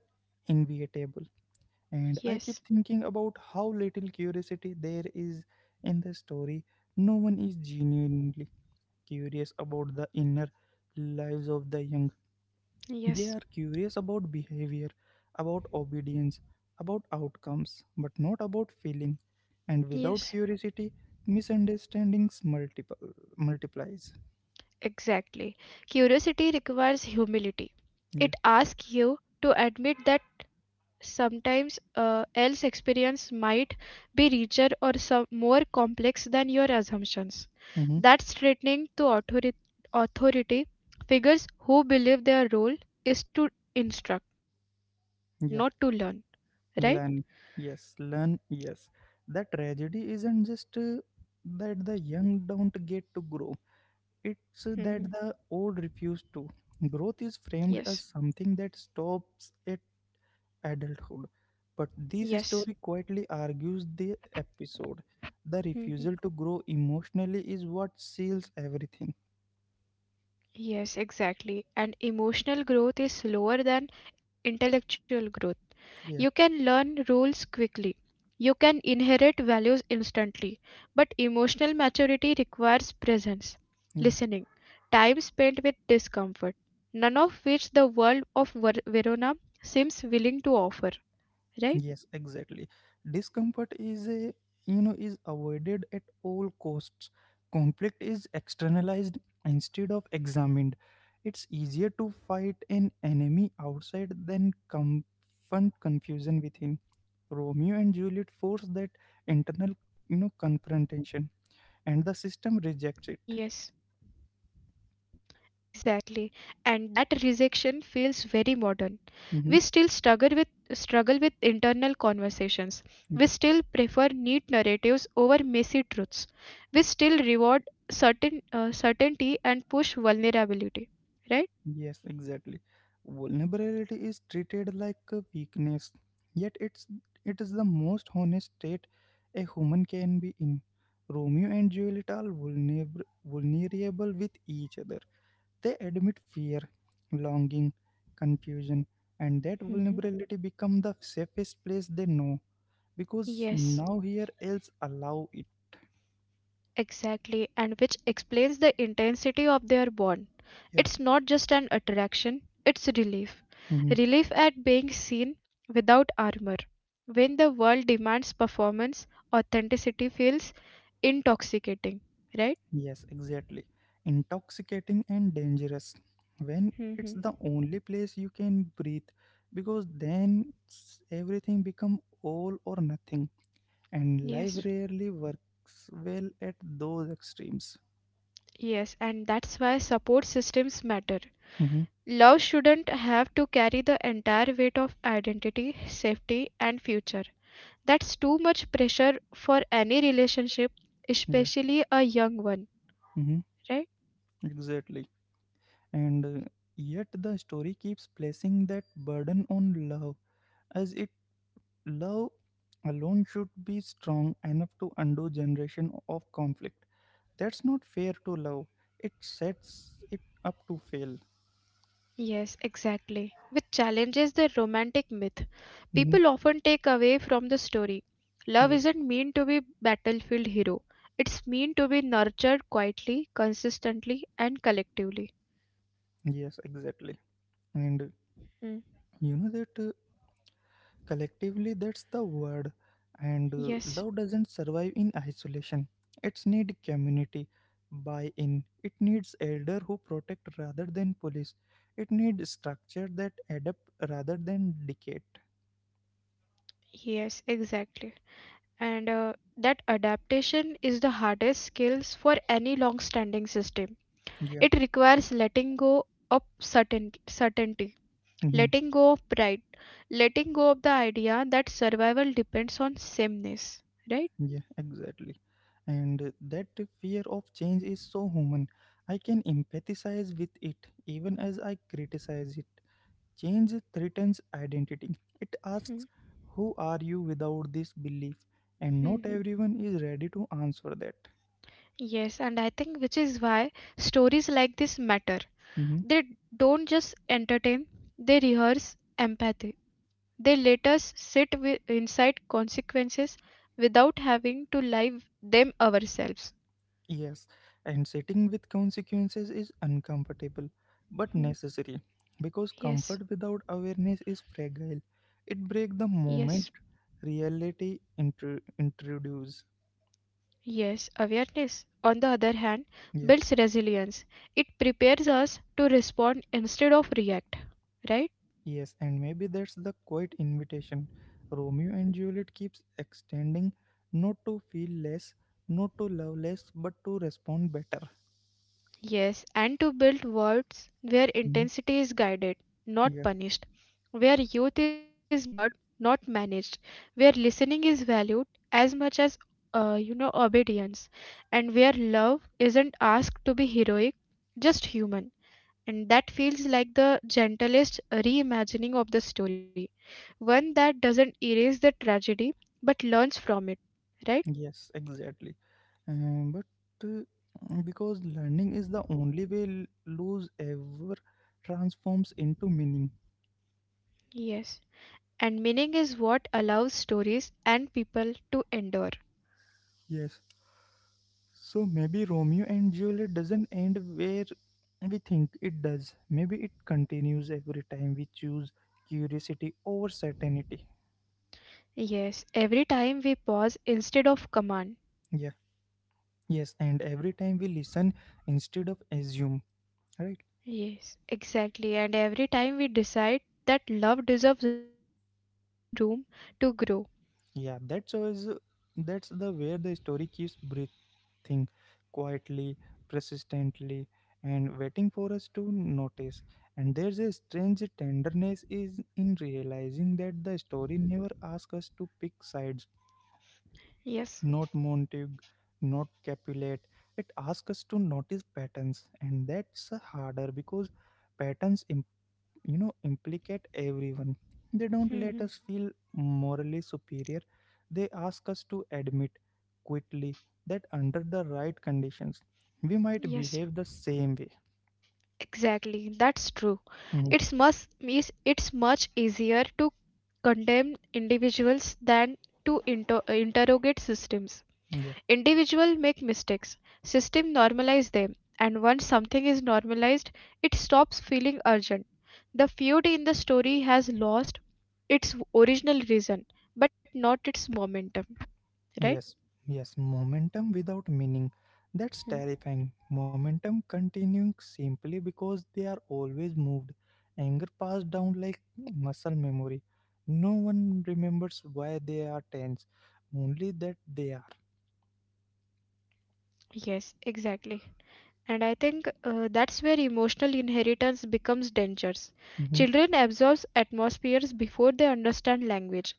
A: inevitable. And I keep
B: Yes.
A: thinking about how little curiosity there is in the story. No one is genuinely curious about the inner lives of the younger. They
B: Yes.
A: are curious about behavior, about obedience, about outcomes, but not about feeling. And without
B: Yes.
A: curiosity, misunderstandings multiple multiplies.
B: Exactly. Curiosity requires humility.
A: Yeah.
B: It asks you to admit that sometimes else experience might be richer or some more complex than your assumptions.
A: Hmm.
B: That's threatening to authority, authority figures who believe their role is to instruct, not to learn.
A: Yeah.
B: Right?
A: Learn. Yes. Learn. Yes. The tragedy isn't just that the young don't get to grow.
B: hmm
A: It's that the old refuse to. Growth is
B: Yes.
A: framed as something that stops at adulthood. But this
B: Yes.
A: story quietly argues the episode. The
B: hmm
A: refusal to grow emotionally is what seals everything.
B: Yes, exactly. And emotional growth is slower than intellectual growth. You
A: Yeah,
B: can learn rules quickly. You can inherit values instantly. But emotional maturity requires presence,
A: yeah,
B: listening, time spent with discomfort, none of which the world of Verona seems willing to offer, right?
A: yes, exactly. Discomfort is a, you know, is avoided at all costs. Conflict is externalized instead of examined. It's easier to fight an enemy outside than confront confusion within. Romeo and Juliet force that internal, you know, confrontation, and the system
B: Yes.
A: rejects it.
B: Exactly. And that rejection feels very modern. We still
A: Hmm.
B: struggle with internal conversations. We still prefer
A: Yeah.
B: neat narratives over messy truths. We still reward certainty and push vulnerability, right?
A: Yes, exactly. Vulnerability is treated like a weakness, yet it is the most honest state a human can be in. Romeo and Juliet are vulnerable, vulnerable with each other. They admit fear, longing, confusion, and that
B: Mhm.
A: vulnerability become the safest place they know because
B: Yes.
A: now here else allow it.
B: Exactly, and which explains the intensity of their bond.
A: Yeah.
B: It's not just an attraction, it's relief.
A: Mm-hmm.
B: Relief at being seen without armor. When the world demands performance, authenticity feels intoxicating, right?
A: Yes, exactly. Intoxicating and dangerous when it's
B: hmm
A: the only place you can breathe because everything become all or nothing and life
B: Yes,
A: rarely works well at those extremes.
B: yes, and that's why support systems matter.
A: hmm
B: Love shouldn't have to carry the entire weight of identity, safety, and future. That's too much pressure for any relationship,
A: Yeah,
B: especially a young one,
A: hmm
B: right?
A: exactly. And yet the story keeps placing that burden on love as it love alone should be strong enough to undo generation of conflict. That's not fair to love. It sets it up to fail.
B: Yes, exactly. Which challenges the romantic myth
A: hmm
B: people often take away from the story. Love
A: Yeah.
B: isn't meant to be battlefield hero. It's meant to be nurtured quietly, consistently, and collectively.
A: Yes, exactly. And
B: Mm,
A: that collectively, that's the word. And
B: Yes,
A: Love doesn't survive in isolation. It's need community buy-in. It needs elder who protect rather than police. It needs structure that adapt rather than decay.
B: yes, exactly. And that adaptation is the hardest skills for any long-standing system.
A: Yeah.
B: It requires letting go of certainty,
A: Mm-hmm.
B: letting go of pride, letting go of the idea that survival depends on sameness, right?
A: Yeah, exactly. And that fear of change is so human. I can empathize with it even as I criticize it. Change threatens identity. It
B: Mhm.
A: asks, who are you without this belief? And not
B: Mhm.
A: everyone is ready to answer that.
B: Yes, and I think which is why stories like this matter.
A: Mhm.
B: They don't just entertain, they rehearse empathy. They let us sit with, inside consequences without having to live them ourselves.
A: Yes, and sitting with consequences is uncomfortable but
B: Mhm.
A: necessary because
B: Yes,
A: comfort without awareness is fragile. It breaks the
B: yes.
A: moment reality intrudes.
B: Yes, awareness, on the other hand,
A: Yeah,
B: builds resilience. It prepares us to respond instead of react, right?
A: yes, and maybe that's the quiet invitation Romeo and Juliet keeps extending, not to feel less, not to love less, but to respond better.
B: Yes, and to build worlds where
A: Mhm.
B: intensity is guided, not
A: Yeah,
B: punished, where youth is mentored, not managed, where listening is valued as much as obedience, and where love isn't asked to be heroic, just human. And that feels like the gentlest reimagining of the story, one that doesn't erase the tragedy but learns from it, right?
A: yes, exactly. But uh, because learning is the only way lose ever transforms into meaning.
B: Yes. And meaning is what allows stories and people to endure.
A: Yes. So maybe Romeo and Juliet doesn't end where we think it does. Maybe it continues every time we choose curiosity over certainty.
B: Yes, every time we pause instead of command.
A: Yeah, yes, and every time we listen instead of assume, right?
B: Yes, exactly. And every time we decide that love deserves room to grow.
A: Yeah, that's always that's the where the story keeps breathing quietly, persistently, and waiting for us to notice. And there's a strange tenderness is in realizing that the story never asks us to pick sides,
B: Yes.
A: not Montague, not Capulet. It asks us to notice patterns, and that's harder because patterns implicate everyone. They don't let
B: hmm
A: us feel morally superior. They ask us to admit quickly that under the right conditions we might
B: Yes.
A: behave the same way.
B: Exactly, that's true.
A: Mhm.
B: It's much easier to condemn individuals than to interrogate systems.
A: Yeah,
B: Individuals make mistakes, system normalize them, and once something is normalized, it stops feeling urgent. The feud in the story has lost its original reason, but not its momentum, right?
A: yes, yes momentum without meaning, that's
B: Hmm.
A: terrifying. Momentum continuing simply because they are always moved, anger passed down like muscle memory. No one remembers why they are tense, only that they are.
B: Yes, exactly. And I think that's where emotional inheritance becomes dangerous.
A: Mhm.
B: Children absorb atmospheres before they understand language.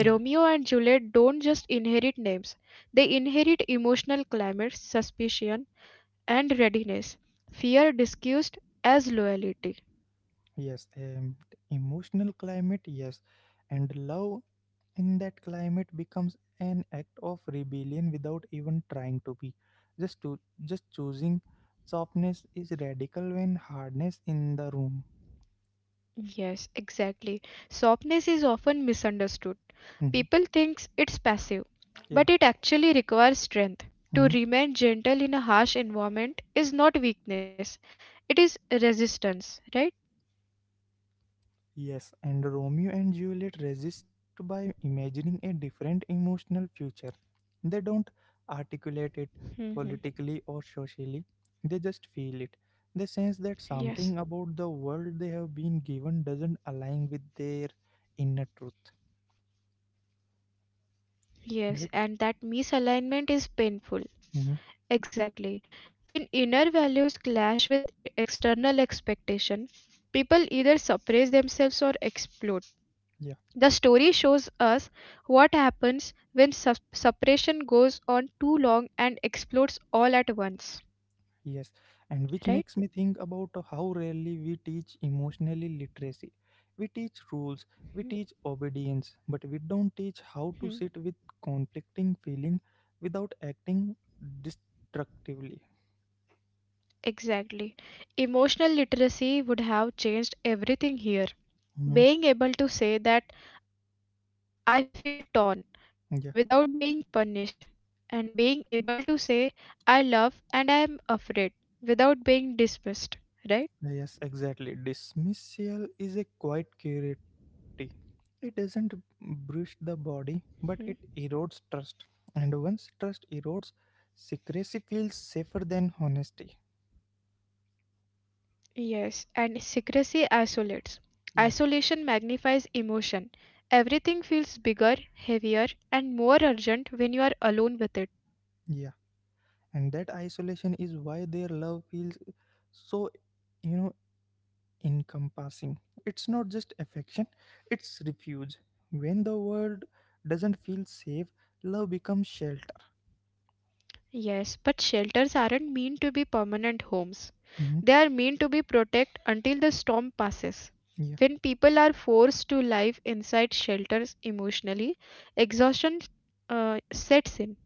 A: Yeah.
B: and Juliet don't just inherit names, they inherit emotional climates, suspicion, and readiness. Fear disguised as loyalty.
A: Yes, emotional climate, yes, and love in that climate becomes an act of rebellion without even trying to be. Just choosing softness is radical when hardness in the room.
B: Yes, exactly. Softness is often misunderstood.
A: Mhm.
B: People think it's passive,
A: Yeah.
B: but it actually requires strength. To
A: Hmm.
B: remain gentle in a harsh environment is not weakness, it is resistance, right?
A: Yes, and Romeo and Juliet resist by imagining a different emotional future. They don't
B: hmm
A: articulate it politically or socially, they just feel
B: Yes.
A: it. They sense that something about the world they have been given doesn't align with their inner truth.
B: Yes, and that misalignment
A: Right?
B: is painful. Exactly.
A: Hmm.
B: When inner values clash with external expectation, people either suppress themselves or explode. The story shows us what happens when suppression goes on too long and explodes all at once,
A: Yes,
B: right?
A: and which makes me think about how rarely we teach emotionally literacy. We teach rules,
B: Mhm.
A: we teach obedience, but we don't teach
B: Mhm.
A: how to sit with conflicting feeling without acting destructively.
B: Exactly. Emotional literacy would have changed everything here.
A: Mhm.
B: Being able to say that I feel torn without
A: Yeah,
B: being punished, and being able to say I love and I am afraid without being dismissed, right?
A: yes, exactly. Dismissal is a quiet curiosity. It doesn't bruise the body,
B: Mhm.
A: but it erodes trust. And once trust erodes, secrecy feels safer than honesty.
B: Yes, and secrecy isolates.
A: Yeah.
B: Isolation magnifies emotion. Everything feels bigger, heavier, and more urgent when you are alone with it.
A: Yeah. And that isolation is why their love feels so you know encompassing. It's not just affection, it's refuge. When the world doesn't feel safe, love becomes shelter.
B: Yes, but shelters aren't meant to be permanent homes.
A: Mhm.
B: They are meant to be protect until the storm passes.
A: Yeah.
B: When people are forced to live inside shelters emotionally, exhaustion sets in,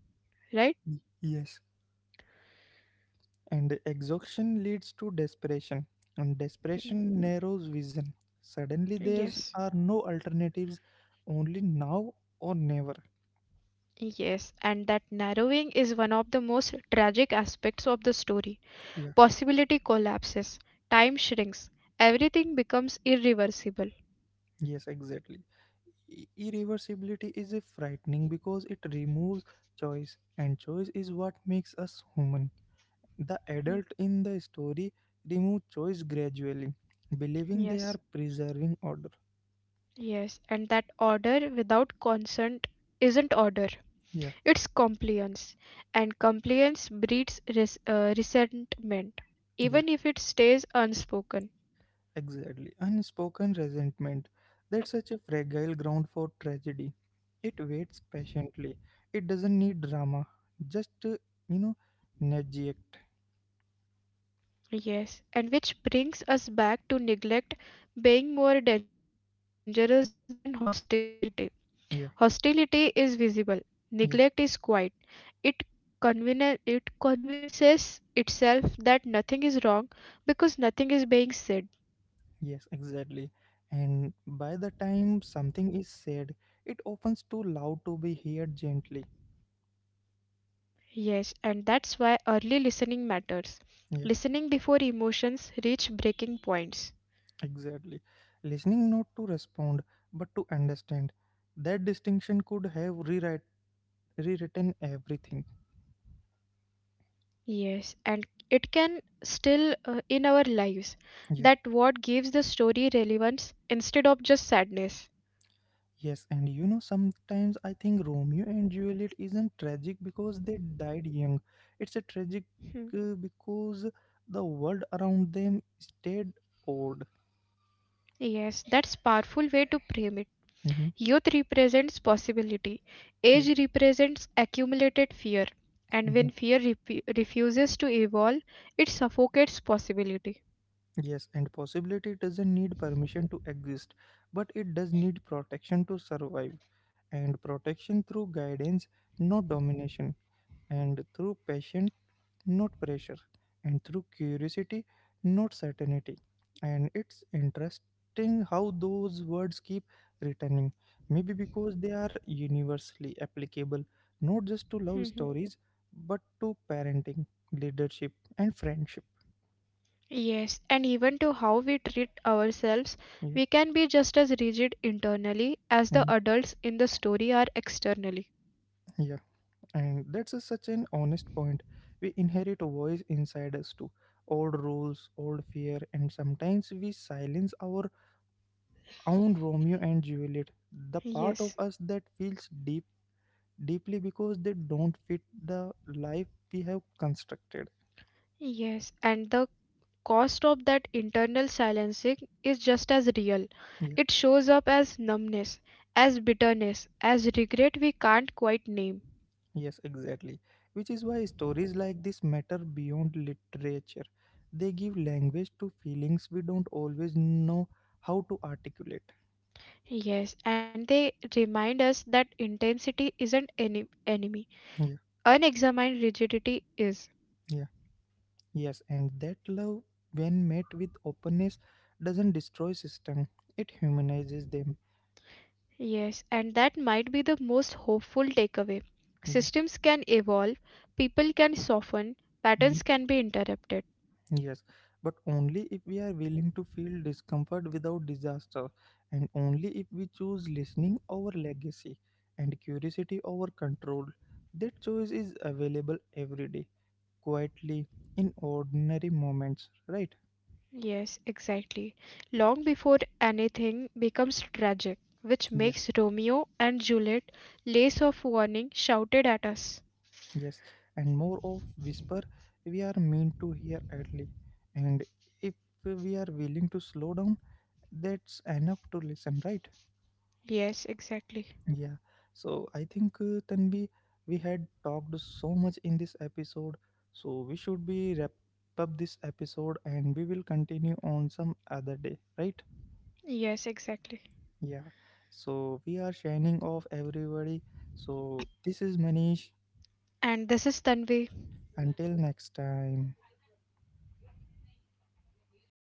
B: right?
A: Yes, and the exhaustion leads to desperation, and
B: Mhm.
A: desperation narrows vision. Suddenly there
B: Yes.
A: are no alternatives, only now or never.
B: Yes, and that narrowing is one of the most tragic aspects of the story.
A: Yeah.
B: Possibility collapses, time shrinks, everything becomes irreversible.
A: Yes, exactly. Irreversibility is a frightening because it removes choice, and choice is what makes us human. The
B: Hmm,
A: adult in the story remove choice gradually, believing they are
B: Yes,
A: preserving order.
B: yes, and that order without consent isn't order,
A: Yeah,
B: it's compliance, and compliance breeds resentment,
A: yeah,
B: even if it stays unspoken.
A: exactly. Unspoken resentment. That's such a fragile ground for tragedy. It waits patiently. It doesn't need drama. Just, you know, nudge.
B: Yes, and which brings us back to neglect being more dangerous than hostility.
A: Yeah,
B: Hostility is visible,
A: yeah.
B: neglect is quiet. It, it convinces itself that nothing is wrong because nothing is being said.
A: Yes, exactly. And by the time something is said, it opens too loud to be heard gently.
B: Yes, and that's why early listening matters.
A: Yeah,
B: Listening before emotions reach breaking points.
A: exactly. Listening not to respond, but to understand. That distinction could have rewritten everything.
B: Yes, and it can still in our lives
A: Yeah.
B: that what gives the story relevance instead of just sadness.
A: Yes, and you know, sometimes I think Romeo and Juliet isn't tragic because they died young. It's a tragic
B: Hmm.
A: because the world around them stayed old.
B: Yes, that's powerful way to frame it.
A: Hmm.
B: Youth represents possibility,
A: Yeah.
B: age represents accumulated fear, and when
A: Mm-hmm.
B: fear repu refuses to evolve, it suffocates possibility.
A: Yes, and possibility doesn't need permission to exist, but it does need protection to survive, and protection through guidance, not domination, and through passion, not pressure, and through curiosity, not certainty. And it's interesting how those words keep returning, maybe because they are universally applicable, not just to
B: Mhm.
A: love stories, but to parenting, leadership, and friendship.
B: Yes, and even to how we treat ourselves,
A: Yeah.
B: we can be just as rigid internally as
A: Mhm.
B: the adults in the story are externally.
A: Yeah. And that's a, such an honest point. We inherit a voice inside us too. Old rules, old fear, and sometimes we silence our own Romeo and Juliet, the part of
B: Yes,
A: us that feels deeply because they don't fit the life we have constructed.
B: yes, and the cost of that internal silencing is just as real.
A: Yeah,
B: It shows up as numbness, as bitterness, as regret we can't quite name.
A: yes, exactly. Which is why stories like this matter beyond literature. They give language to feelings we don't always know how to articulate.
B: Yes, and they remind us that intensity isn't any enemy.
A: Yeah,
B: Unexamined rigidity is.
A: yeah. Yes, and that love, when met with openness, doesn't destroy system. It humanizes them.
B: Yes, and that might be the most hopeful takeaway.
A: Yeah.
B: Systems can evolve, people can soften, patterns
A: Mm,
B: can be interrupted.
A: yes, but only if we are willing to feel discomfort without disaster, and only if we choose listening over legacy and curiosity over control. That choice is available every day, quietly, in ordinary moments, right?
B: Yes, exactly. Long before anything becomes tragic, which makes Romeo and Juliet lace of warning shouted at us.
A: Yes, and more of whisper we are meant to hear idly. And if we are willing to slow down, that's enough to listen, right?
B: Yes, exactly.
A: Yeah. So I think Tanvi, we had talked so much in this episode, so we should be wrap up this episode and we will continue on some other day, right?
B: Yes, exactly.
A: Yeah. So we are shining off everybody. So this is Manish.
B: And this is Tanvi.
A: Until next time.